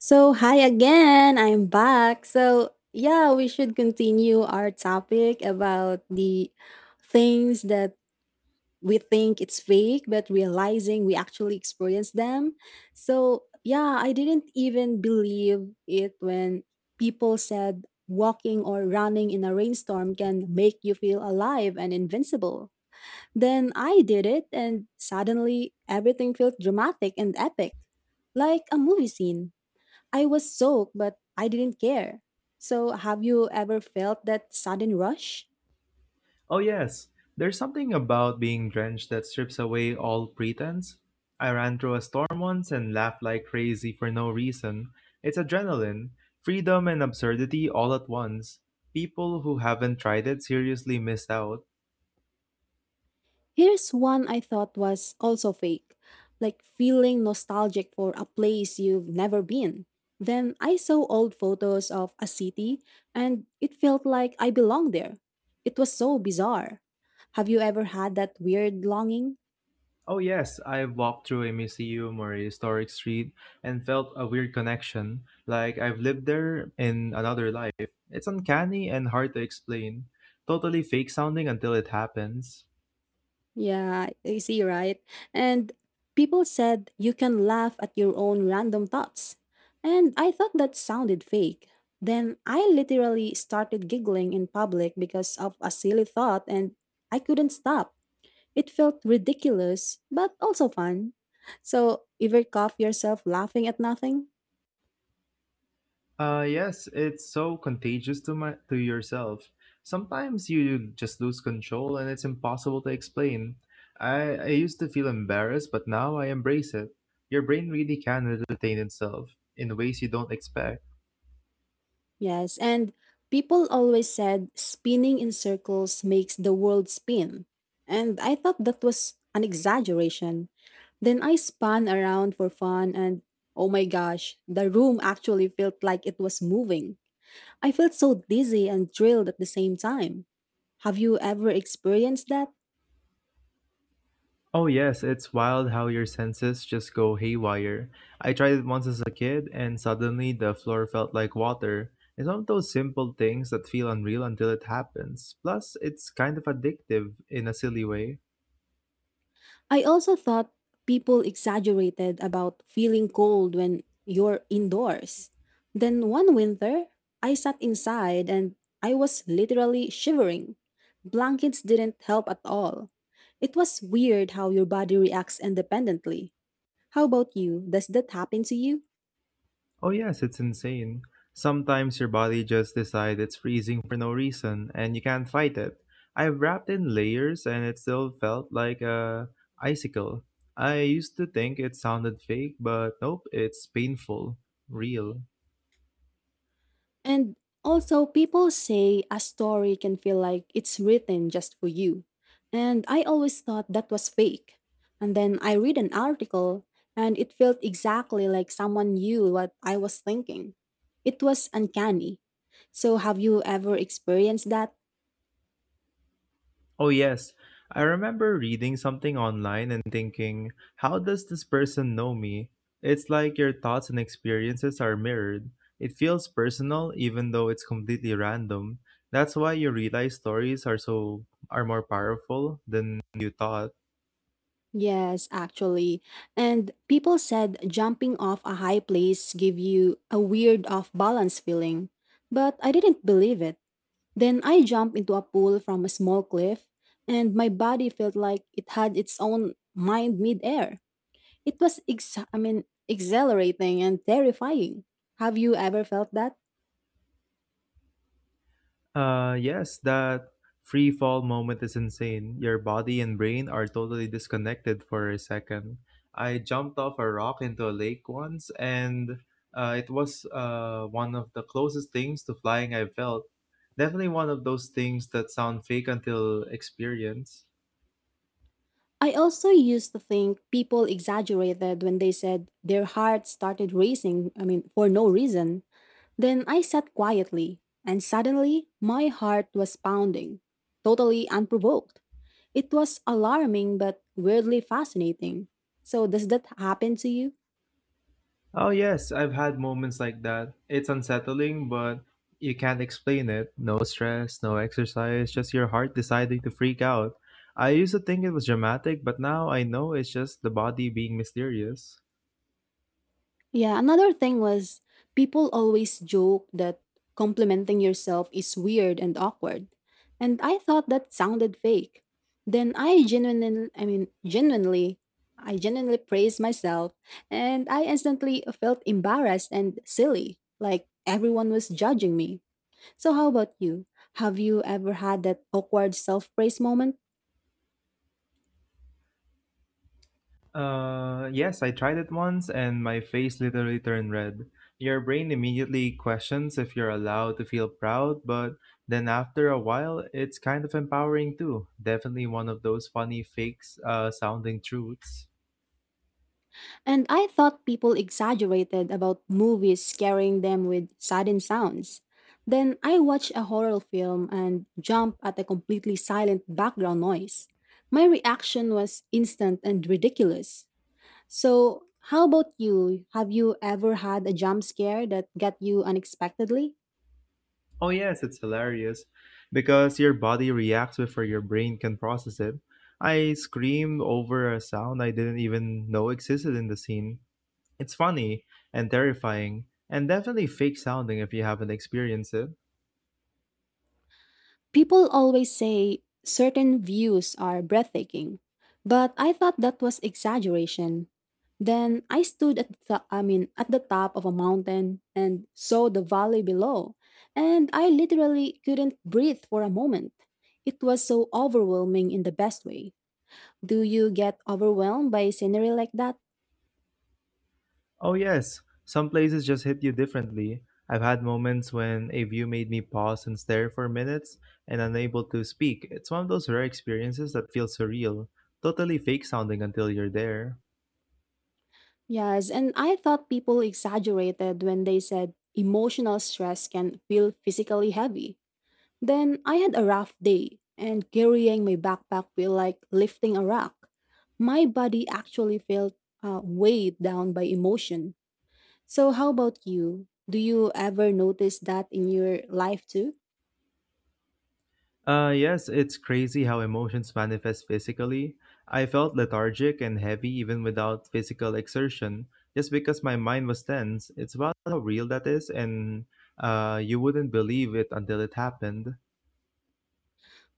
So, hi again. I'm back. So, yeah, we should continue our topic about the things that we think it's fake, but realizing we actually experience them. So, yeah, I didn't even believe it when people said walking or running in a rainstorm can make you feel alive and invincible. Then I did it, and suddenly everything felt dramatic and epic, like a movie scene. I was soaked, but I didn't care. So, have you ever felt that sudden rush? Oh, yes. There's something about being drenched that strips away all pretense. I ran through a storm once and laughed like crazy for no reason. It's adrenaline, freedom, and absurdity all at once. People who haven't tried it seriously miss out. Here's one I thought was also fake, like feeling nostalgic for a place you've never been. Then I saw old photos of a city and it felt like I belonged there. It was so bizarre. Have you ever had that weird longing? Oh, yes, I've walked through a museum or a historic street and felt a weird connection, like I've lived there in another life. It's uncanny and hard to explain, totally fake sounding until it happens. Yeah, you see, right? And people said you can laugh at your own random thoughts. And I thought that sounded fake. Then I literally started giggling in public because of a silly thought and I couldn't stop. It felt ridiculous, but also fun. So, ever cough yourself laughing at nothing? Yes, it's so contagious to my to yourself. Sometimes you just lose control and it's impossible to explain. I used to feel embarrassed, but now I embrace it. Your brain really can entertain itself in ways you don't expect. Yes, and people always said spinning in circles makes the world spin. And I thought that was an exaggeration. Then I spun around for fun, and oh my gosh, the room actually felt like it was moving. I felt so dizzy and thrilled at the same time. Have you ever experienced that? Oh yes, it's wild how your senses just go haywire. I tried it once as a kid and suddenly the floor felt like water. It's one of those simple things that feel unreal until it happens. Plus, it's kind of addictive in a silly way. I also thought people exaggerated about feeling cold when you're indoors. Then one winter, I sat inside and I was literally shivering. Blankets didn't help at all. It was weird how your body reacts independently. How about you? Does that happen to you? Oh yes, it's insane. Sometimes your body just decides it's freezing for no reason and you can't fight it. I have wrapped in layers and it still felt like a icicle. I used to think it sounded fake, but nope, it's painful, real. And also, people say a story can feel like it's written just for you. And I always thought that was fake. And then I read an article, and it felt exactly like someone knew what I was thinking. It was uncanny. So, have you ever experienced that? Oh, yes. I remember reading something online and thinking, how does this person know me? It's like your thoughts and experiences are mirrored. It feels personal even though it's completely random. That's why you realize stories are more powerful than you thought. Yes, actually. And people said jumping off a high place give you a weird off balance feeling, but I didn't believe it. Then I jumped into a pool from a small cliff, and my body felt like it had its own mind midair. It was, exhilarating and terrifying. Have you ever felt that? Yes, that free fall moment is insane. Your body and brain are totally disconnected for a second. I jumped off a rock into a lake once, and it was one of the closest things to flying I felt. Definitely one of those things that sound fake until experience. I also used to think people exaggerated when they said their heart started racing, I mean, for no reason. Then I sat quietly, and suddenly my heart was pounding, totally unprovoked. It was alarming but weirdly fascinating. So, does that happen to you? Oh, yes, I've had moments like that. It's unsettling, but you can't explain it. No stress, no exercise, just your heart deciding to freak out. I used to think it was dramatic, but now I know it's just the body being mysterious. Yeah, another thing was people always joke that complimenting yourself is weird and awkward. And I thought that sounded fake. Then I genuinely praised myself and I instantly felt embarrassed and silly, like everyone was judging me. So, how about you? Have you ever had that awkward self praise moment? Yes, I tried it once and my face literally turned red. Your brain immediately questions if you're allowed to feel proud, but then after a while, it's kind of empowering too. Definitely one of those funny fakes sounding truths. And I thought people exaggerated about movies scaring them with sudden sounds. Then I watched a horror film and jumped at a completely silent background noise. My reaction was instant and ridiculous. So, how about you? Have you ever had a jump scare that got you unexpectedly? Oh yes, it's hilarious because your body reacts before your brain can process it. I screamed over a sound I didn't even know existed in the scene. It's funny and terrifying and definitely fake sounding if you haven't experienced it. People always say certain views are breathtaking, but I thought that was exaggeration. Then I stood at the I mean at the top of a mountain and saw the valley below, and I literally couldn't breathe for a moment. It was so overwhelming in the best way. Do you get overwhelmed by scenery like that? Oh yes, some places just hit you differently. I've had moments when a view made me pause and stare for minutes and unable to speak. It's one of those rare experiences that feels surreal, totally fake sounding until you're there. Yes, and I thought people exaggerated when they said emotional stress can feel physically heavy. Then I had a rough day, and carrying my backpack felt like lifting a rock. My body actually felt weighed down by emotion. So, how about you? Do you ever notice that in your life too? Yes, it's crazy how emotions manifest physically. I felt lethargic and heavy even without physical exertion, just because my mind was tense. It's about how real that is, and you wouldn't believe it until it happened.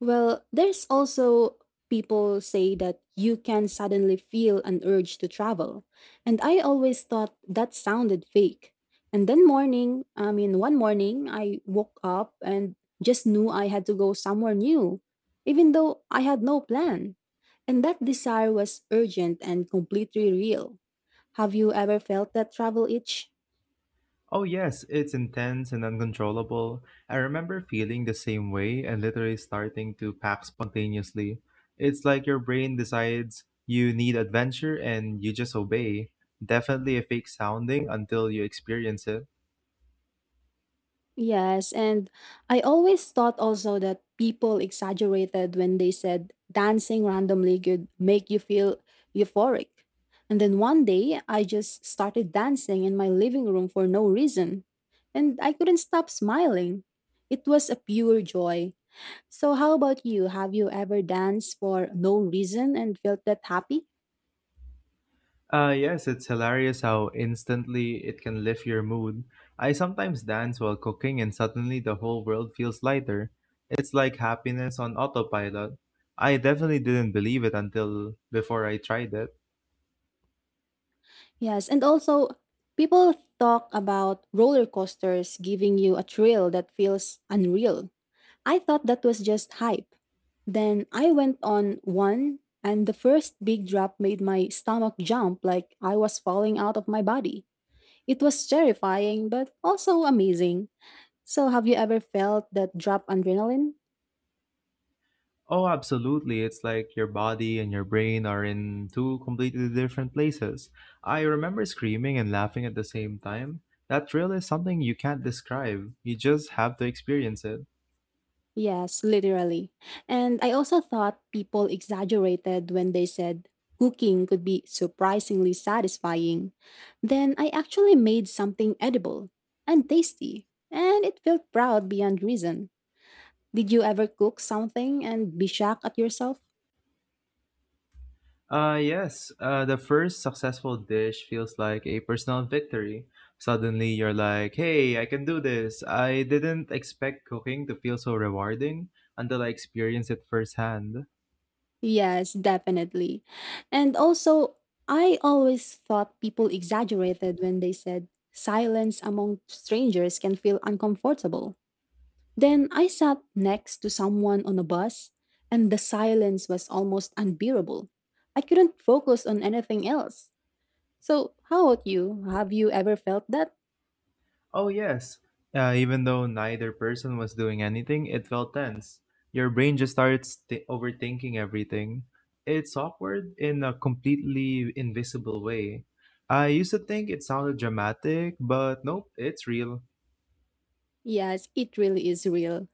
Well, there's also people say that you can suddenly feel an urge to travel. And I always thought that sounded fake. And then morning, I mean one morning I woke up and just knew I had to go somewhere new, even though I had no plan. And that desire was urgent and completely real. Have you ever felt that travel itch? Oh, yes, it's intense and uncontrollable. I remember feeling the same way and literally starting to pack spontaneously. It's like your brain decides you need adventure and you just obey. Definitely a fake sounding until you experience it. Yes, and I always thought also that people exaggerated when they said dancing randomly could make you feel euphoric. And then one day I just started dancing in my living room for no reason, and I couldn't stop smiling. It was a pure joy. So, how about you? Have you ever danced for no reason and felt that happy? Yes, it's hilarious how instantly it can lift your mood. I sometimes dance while cooking and suddenly the whole world feels lighter. It's like happiness on autopilot. I definitely didn't believe it until before I tried it. Yes, and also people talk about roller coasters giving you a thrill that feels unreal. I thought that was just hype. Then I went on one, and the first big drop made my stomach jump like I was falling out of my body. It was terrifying, but also amazing. So, have you ever felt that drop adrenaline? Oh, absolutely. It's like your body and your brain are in two completely different places. I remember screaming and laughing at the same time. That thrill is something you can't describe. You just have to experience it. Yes, literally. And I also thought people exaggerated when they said cooking could be surprisingly satisfying. Then I actually made something edible and tasty, and it felt proud beyond reason. Did you ever cook something and be shocked at yourself? Yes, the first successful dish feels like a personal victory. Suddenly, you're like, hey, I can do this. I didn't expect cooking to feel so rewarding until I experienced it firsthand. Yes, definitely. And also, I always thought people exaggerated when they said silence among strangers can feel uncomfortable. Then I sat next to someone on a bus, and the silence was almost unbearable. I couldn't focus on anything else. So, how about you? Have you ever felt that? Oh, yes. Even though neither person was doing anything, it felt tense. Your brain just overthinking everything. It's awkward in a completely invisible way. I used to think it sounded dramatic, but nope, it's real. Yes, it really is real.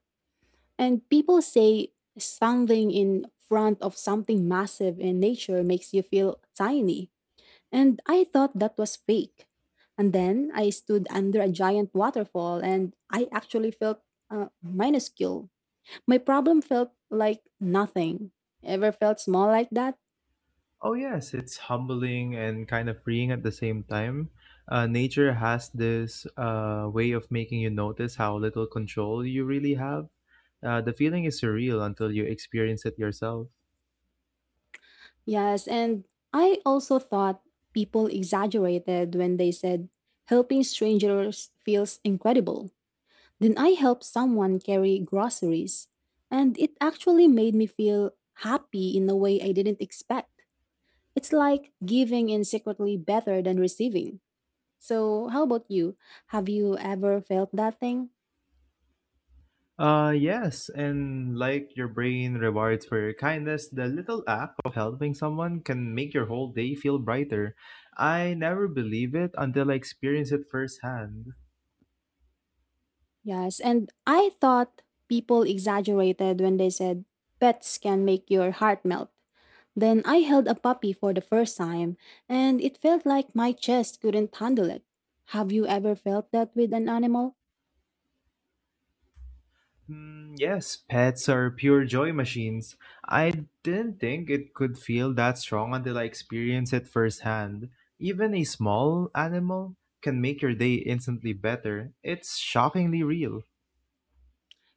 And people say standing in front of something massive in nature makes you feel tiny. And I thought that was fake. And then I stood under a giant waterfall and I actually felt minuscule. My problem felt like nothing. Ever felt small like that? Oh, yes, it's humbling and kind of freeing at the same time. Nature has this way of making you notice how little control you really have. The feeling is surreal until you experience it yourself. Yes. And I also thought people exaggerated when they said helping strangers feels incredible. Then I helped someone carry groceries, and it actually made me feel happy in a way I didn't expect. It's like giving is secretly better than receiving. So, how about you? Have you ever felt that thing? Yes, and like your brain rewards for your kindness, the little act of helping someone can make your whole day feel brighter. I never believe it until I experience it firsthand. Yes, and I thought people exaggerated when they said pets can make your heart melt. Then I held a puppy for the first time, and it felt like my chest couldn't handle it. Have you ever felt that with an animal? Mm, yes, pets are pure joy machines. I didn't think it could feel that strong until I experienced it firsthand. Even a small animal can make your day instantly better. It's shockingly real.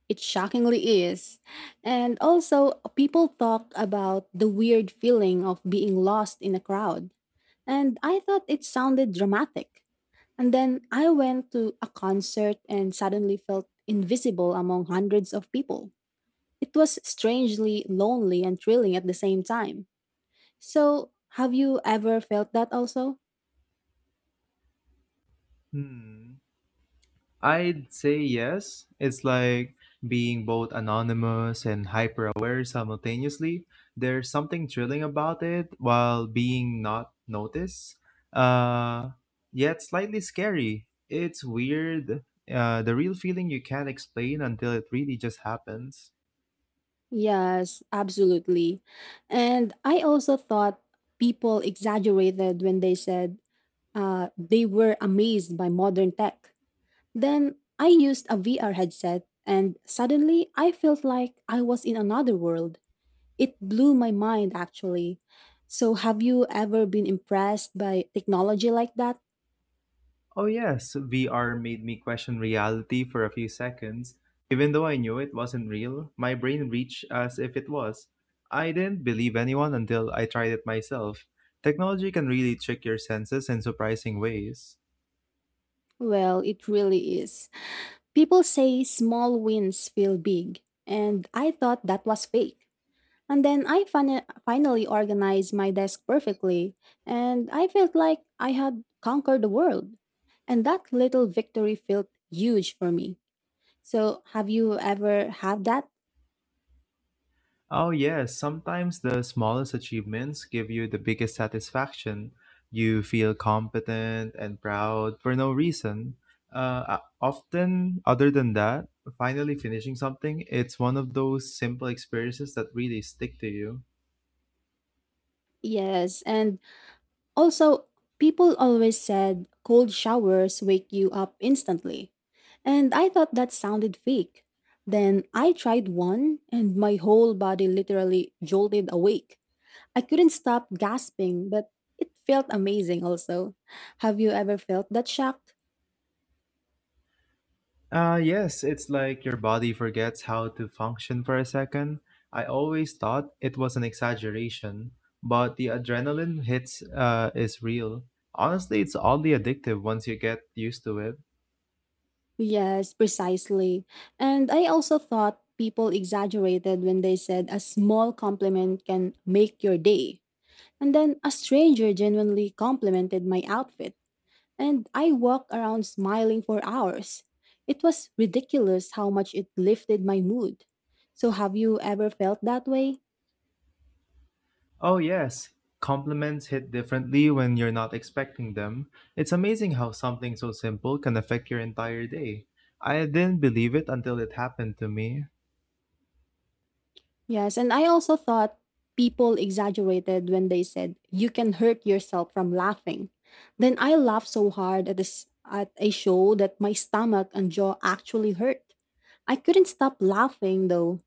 It shockingly is. And also, people talk about the weird feeling of being lost in a crowd. And I thought it sounded dramatic. And then I went to a concert and suddenly felt invisible among hundreds of people. It was strangely lonely and thrilling at the same time. So, have you ever felt that also? Hmm. I'd say yes. It's like being both anonymous and hyper aware simultaneously. There's something thrilling about it while being not noticed, uh, yet slightly scary. It's weird. The real feeling you can't explain until it really just happens. Yes, absolutely. And I also thought people exaggerated when they said they were amazed by modern tech. Then I used a VR headset, and suddenly I felt like I was in another world. It blew my mind, actually. So, have you ever been impressed by technology like that? Oh, yes, VR made me question reality for a few seconds. Even though I knew it wasn't real, my brain reached as if it was. I didn't believe anyone until I tried it myself. Technology can really trick your senses in surprising ways. Well, it really is. People say small wins feel big, and I thought that was fake. And then I finally organized my desk perfectly, and I felt like I had conquered the world. And that little victory felt huge for me. So, have you ever had that? Oh, yes, sometimes the smallest achievements give you the biggest satisfaction. You feel competent and proud for no reason. Often, other than that, finally finishing something, it's one of those simple experiences that really stick to you. Yes. And also, people always said cold showers wake you up instantly. And I thought that sounded fake. Then I tried one, and my whole body literally jolted awake. I couldn't stop gasping, but it felt amazing also. Have you ever felt that shock? Yes, it's like your body forgets how to function for a second. I always thought it was an exaggeration, but the adrenaline hits is real. Honestly, it's oddly addictive once you get used to it. Yes, precisely. And I also thought people exaggerated when they said a small compliment can make your day. And then a stranger genuinely complimented my outfit, and I walked around smiling for hours. It was ridiculous how much it lifted my mood. So, have you ever felt that way? Oh, yes. Compliments hit differently when you're not expecting them. It's amazing how something so simple can affect your entire day. I didn't believe it until it happened to me. Yes, and I also thought people exaggerated when they said you can hurt yourself from laughing. Then I laughed so hard at a show that my stomach and jaw actually hurt. I couldn't stop laughing though.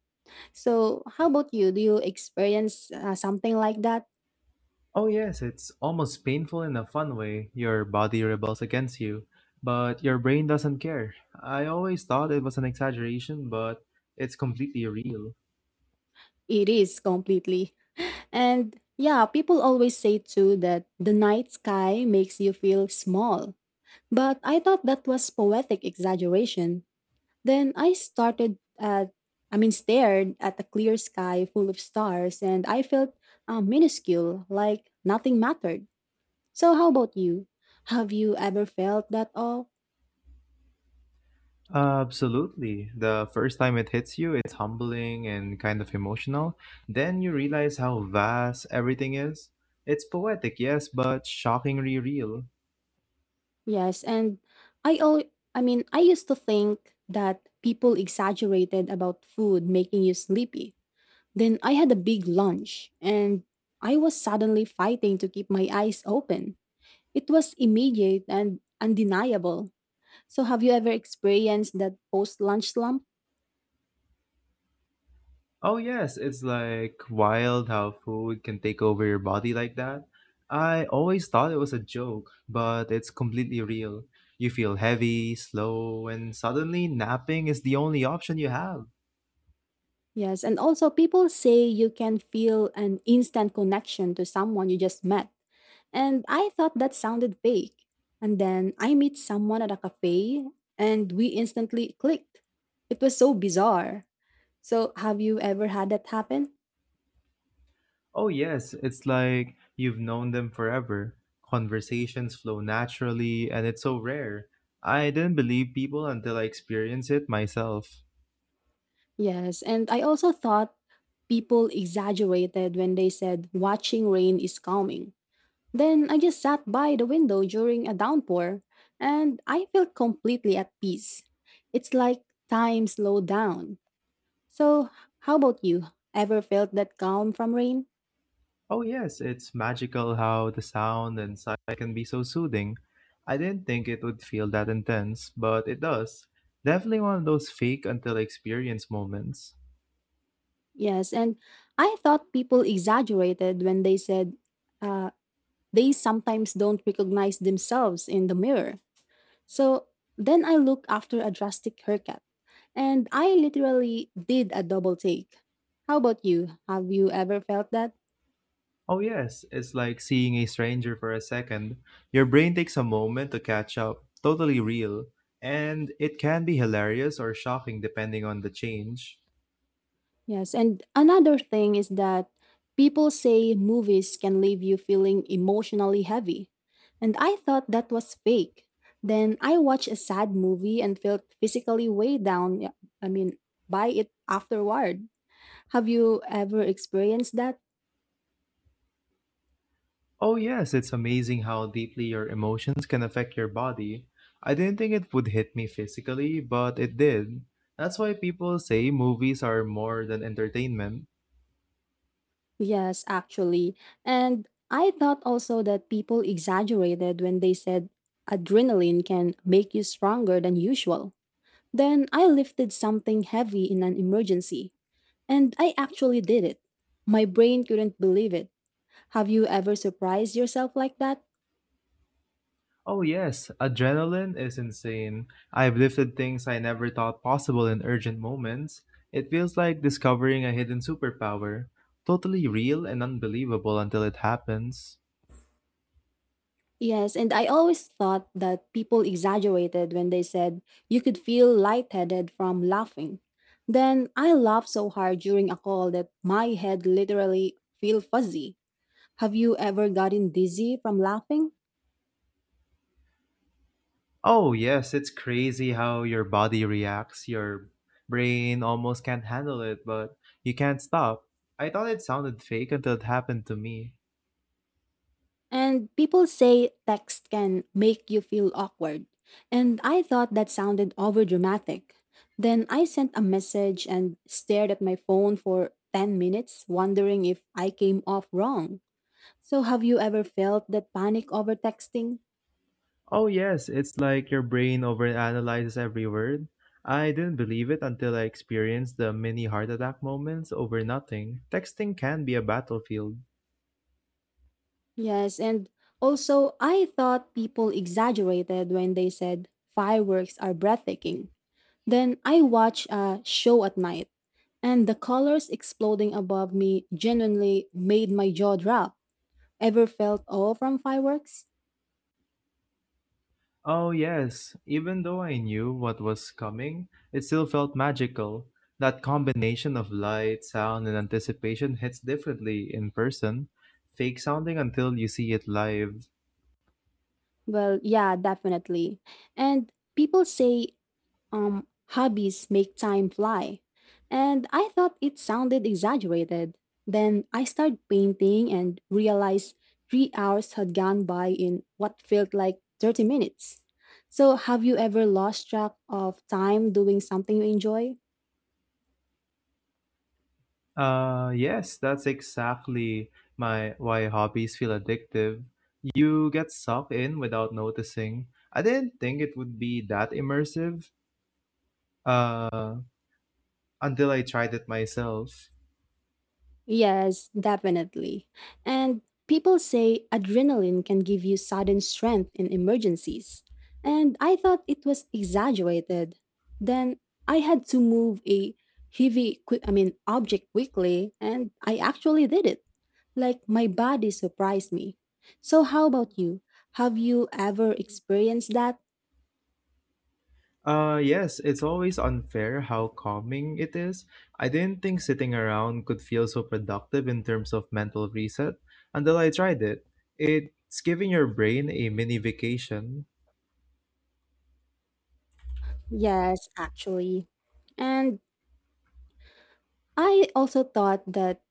So, how about you? Do you experience something like that? Oh, yes, it's almost painful in a fun way. Your body rebels against you, but your brain doesn't care. I always thought it was an exaggeration, but it's completely real. It is completely. And yeah, people always say too that the night sky makes you feel small. But I thought that was poetic exaggeration. Then I started at, I mean, stared at a clear sky full of stars, and I felt minuscule, like nothing mattered. So, how about you? Have you ever felt that awe? Absolutely. The first time it hits you, it's humbling and kind of emotional. Then you realize how vast everything is. It's poetic, yes, but shockingly real. Yes, and I, all, I mean, I used to think that people exaggerated about food making you sleepy. Then I had a big lunch, and I was suddenly fighting to keep my eyes open. It was immediate and undeniable. So, have you ever experienced that post lunch slump? Oh, yes, it's like wild how food can take over your body like that. I always thought it was a joke, but it's completely real. You feel heavy, slow, and suddenly napping is the only option you have. Yes. And also, people say you can feel an instant connection to someone you just met. And I thought that sounded fake. And then I meet someone at a cafe and we instantly clicked. It was so bizarre. So, have you ever had that happen? Oh, yes, it's like you've known them forever. Conversations flow naturally, and it's so rare. I didn't believe people until I experienced it myself. Yes. And I also thought people exaggerated when they said watching rain is calming. Then I just sat by the window during a downpour and I felt completely at peace. It's like time slowed down. So, how about you? Ever felt that calm from rain? Oh, yes, it's magical how the sound and sight can be so soothing. I didn't think it would feel that intense, but it does. Definitely one of those fake until experience moments. Yes, and I thought people exaggerated when they said uh, they sometimes don't recognize themselves in the mirror. So, then I looked after a drastic haircut and I literally did a double take. How about you? Have you ever felt that? Oh, yes, it's like seeing a stranger for a second. Your brain takes a moment to catch up, totally real, and it can be hilarious or shocking depending on the change. Yes, and another thing is that people say movies can leave you feeling emotionally heavy. And I thought that was fake. Then I watched a sad movie and felt physically weighed down, yeah, I mean, by it afterward. Have you ever experienced that? Oh, yes, it's amazing how deeply your emotions can affect your body. I didn't think it would hit me physically, but it did. That's why people say movies are more than entertainment. Yes, actually. And I thought also that people exaggerated when they said adrenaline can make you stronger than usual. Then I lifted something heavy in an emergency. And I actually did it. My brain couldn't believe it. Have you ever surprised yourself like that? Oh, yes, adrenaline is insane. I've lifted things I never thought possible in urgent moments. It feels like discovering a hidden superpower. Totally real and unbelievable until it happens. Yes, and I always thought that people exaggerated when they said you could feel lightheaded from laughing. Then I laughed so hard during a call that my head literally feel fuzzy. Have you ever gotten dizzy from laughing? Oh, yes, it's crazy how your body reacts. Your brain almost can't handle it, but you can't stop. I thought it sounded fake until it happened to me. And people say text can make you feel awkward. And I thought that sounded overdramatic. Then I sent a message and stared at my phone for 10 minutes, wondering if I came off wrong. So, have you ever felt that panic over texting? Oh yes, it's like your brain overanalyzes every word. I didn't believe it until I experienced the mini heart attack moments over nothing. Texting can be a battlefield. Yes, and also I thought people exaggerated when they said fireworks are breathtaking. Then I watch a show at night, and the colors exploding above me genuinely made my jaw drop. Ever felt awe from fireworks? Oh yes, even though I knew what was coming, it still felt magical. That combination of light, sound, and anticipation hits differently in person, fake sounding until you see it live. Well, yeah, definitely. And people say um hobbies make time fly. And I thought it sounded exaggerated. Then I started painting and realized 3 hours had gone by in what felt like 30 minutes. So, have you ever lost track of time doing something you enjoy? Yes, that's exactly my why hobbies feel addictive. You get sucked in without noticing. I didn't think it would be that immersive uh, until I tried it myself. Yes, definitely. And people say adrenaline can give you sudden strength in emergencies. And I thought it was exaggerated. Then I had to move a heavy, qui- I mean, object quickly, and I actually did it. Like my body surprised me. So, how about you? Have you ever experienced that? Yes, it's always unfair how calming it is. I didn't think sitting around could feel so productive in terms of mental reset until I tried it. It's giving your brain a mini vacation. Yes, actually. And I also thought that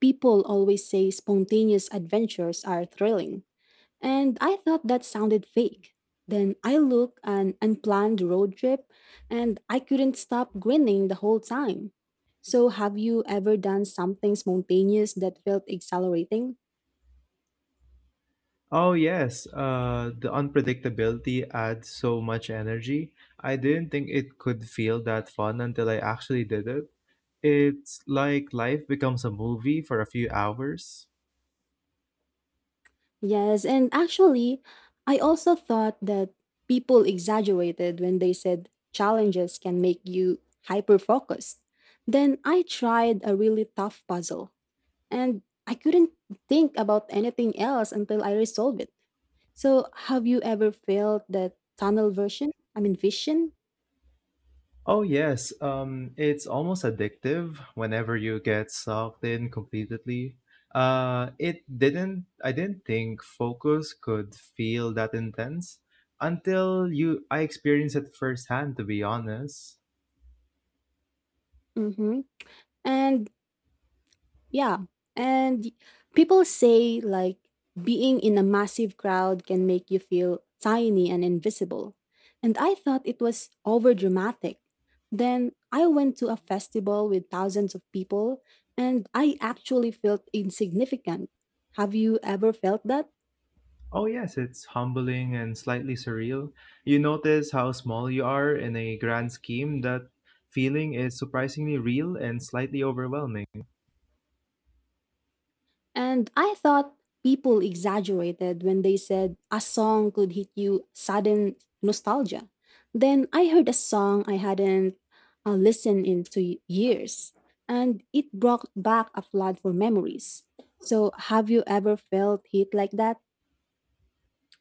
people always say spontaneous adventures are thrilling, and I thought that sounded fake. Then I looked an unplanned road trip, and I couldn't stop grinning the whole time. So, have you ever done something spontaneous that felt exhilarating? Oh, yes. The unpredictability adds so much energy. I didn't think it could feel that fun until I actually did it. It's like life becomes a movie for a few hours. Yes, and actually, I also thought that people exaggerated when they said challenges can make you hyper focused. Then I tried a really tough puzzle and I couldn't think about anything else until I resolved it. So, have you ever felt that tunnel vision? Oh, yes. It's almost addictive whenever you get sucked in completely. It didn't, I didn't think focus could feel that intense until I experienced it firsthand, to be honest. Mm-hmm. And yeah, and people say like being in a massive crowd can make you feel tiny and invisible. And I thought it was over dramatic. Then I went to a festival with thousands of people and I actually felt insignificant. Have you ever felt that? Oh, yes, it's humbling and slightly surreal. You notice how small you are in a grand scheme. That feeling is surprisingly real and slightly overwhelming. And I thought people exaggerated when they said a song could hit you sudden nostalgia. Then I heard a song I hadn't listened in to years, and it brought back a flood for memories. So, have you ever felt hit like that?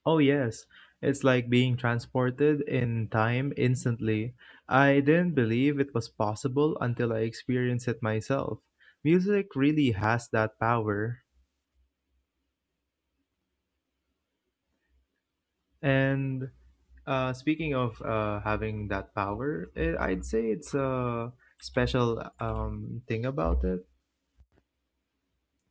Oh, yes, it's like being transported in time instantly. I didn't believe it was possible until I experienced it myself. Music really has that power. And speaking of having that power, I'd say it's a special thing about it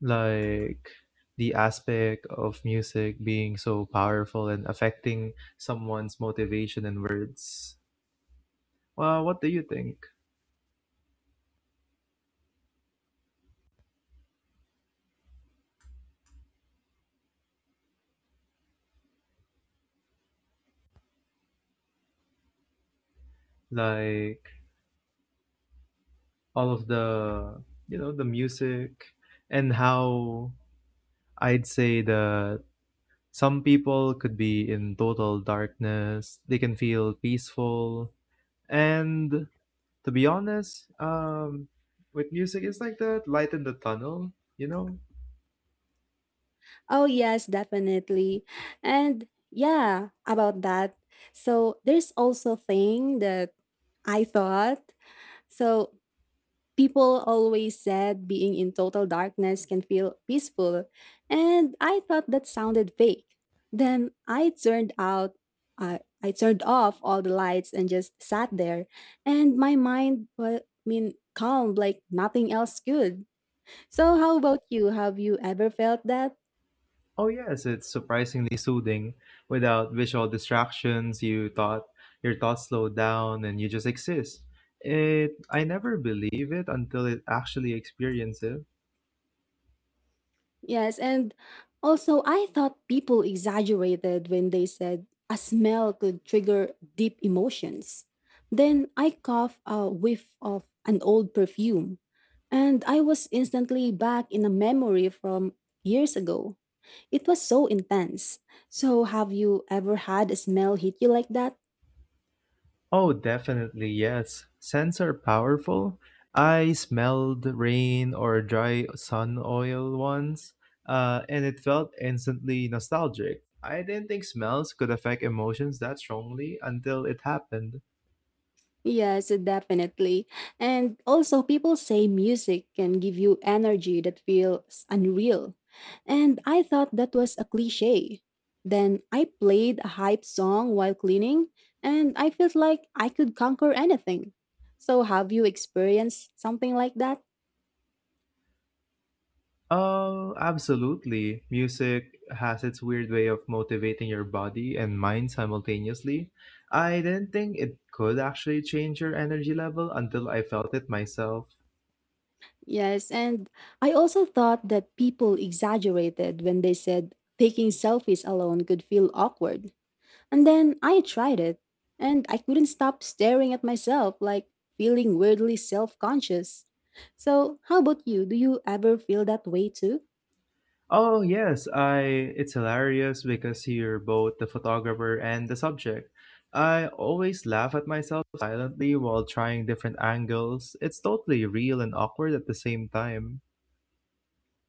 like the aspect of music being so powerful and affecting someone's motivation and words. Well, what do you think? Like all of the the music and how I'd say that some people could be in total darkness, they can feel peaceful. And to be honest, with music, it's like that light in the tunnel, you know? Oh, yes, definitely. And yeah, about that. So, there's also thing that I thought. So, people always said being in total darkness can feel peaceful, and I thought that sounded fake. Then I turned off all the lights and just sat there, and my mind was, calm like nothing else could. So, how about you? Have you ever felt that? Oh, yes, it's surprisingly soothing. Without visual distractions, you thought your thoughts slow down and you just exist. It I never believe it until it actually experience it. Yes, and also I thought people exaggerated when they said a smell could trigger deep emotions. Then I coughed a whiff of an old perfume, and I was instantly back in a memory from years ago. It was so intense. So, have you ever had a smell hit you like that? Oh, definitely, yes. Scents are powerful. I smelled rain or dry sun oil once, and it felt instantly nostalgic. I didn't think smells could affect emotions that strongly until it happened. Yes, definitely. And also, people say music can give you energy that feels unreal. And I thought that was a cliche. Then I played a hype song while cleaning, and I felt like I could conquer anything. So, have you experienced something like that? Oh, absolutely. Music has its weird way of motivating your body and mind simultaneously. I didn't think it could actually change your energy level until I felt it myself. Yes, and I also thought that people exaggerated when they said taking selfies alone could feel awkward. And then I tried it, and I couldn't stop staring at myself, like feeling weirdly self conscious. So, how about you? Do you ever feel that way too? Oh, yes, I it's hilarious because you're both the photographer and the subject. I always laugh at myself silently while trying different angles. It's totally real and awkward at the same time.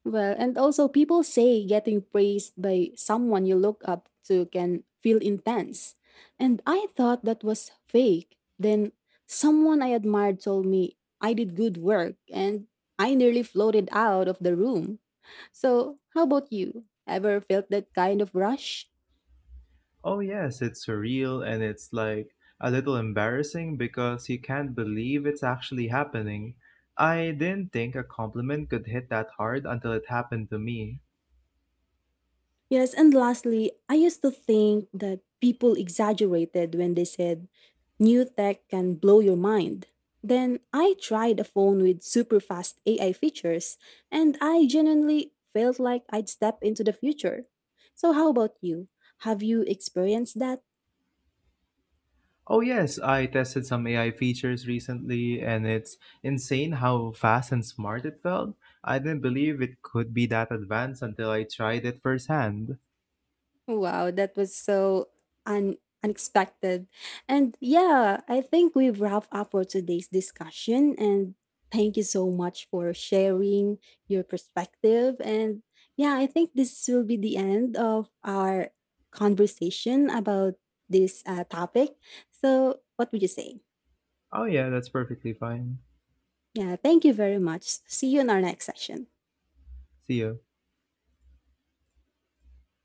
Well, and also, people say getting praised by someone you look up to can feel intense. And I thought that was fake. Then, someone I admired told me I did good work, and I nearly floated out of the room. So, how about you? Ever felt that kind of rush? Oh, yes, it's surreal and it's like a little embarrassing because you can't believe it's actually happening. I didn't think a compliment could hit that hard until it happened to me. Yes, and lastly, I used to think that people exaggerated when they said new tech can blow your mind. Then I tried a phone with super fast AI features, and I genuinely felt like I'd step into the future. So, how about you? Have you experienced that? Oh, yes, I tested some AI features recently and it's insane how fast and smart it felt. I didn't believe it could be that advanced until I tried it firsthand. Wow, that was so un- unexpected. And yeah, I think we've wrapped up for today's discussion. And thank you so much for sharing your perspective. And yeah, I think this will be the end of our conversation about this topic. So, what would you say? Oh, yeah, that's perfectly fine. Yeah, thank you very much. See you in our next session. See ya.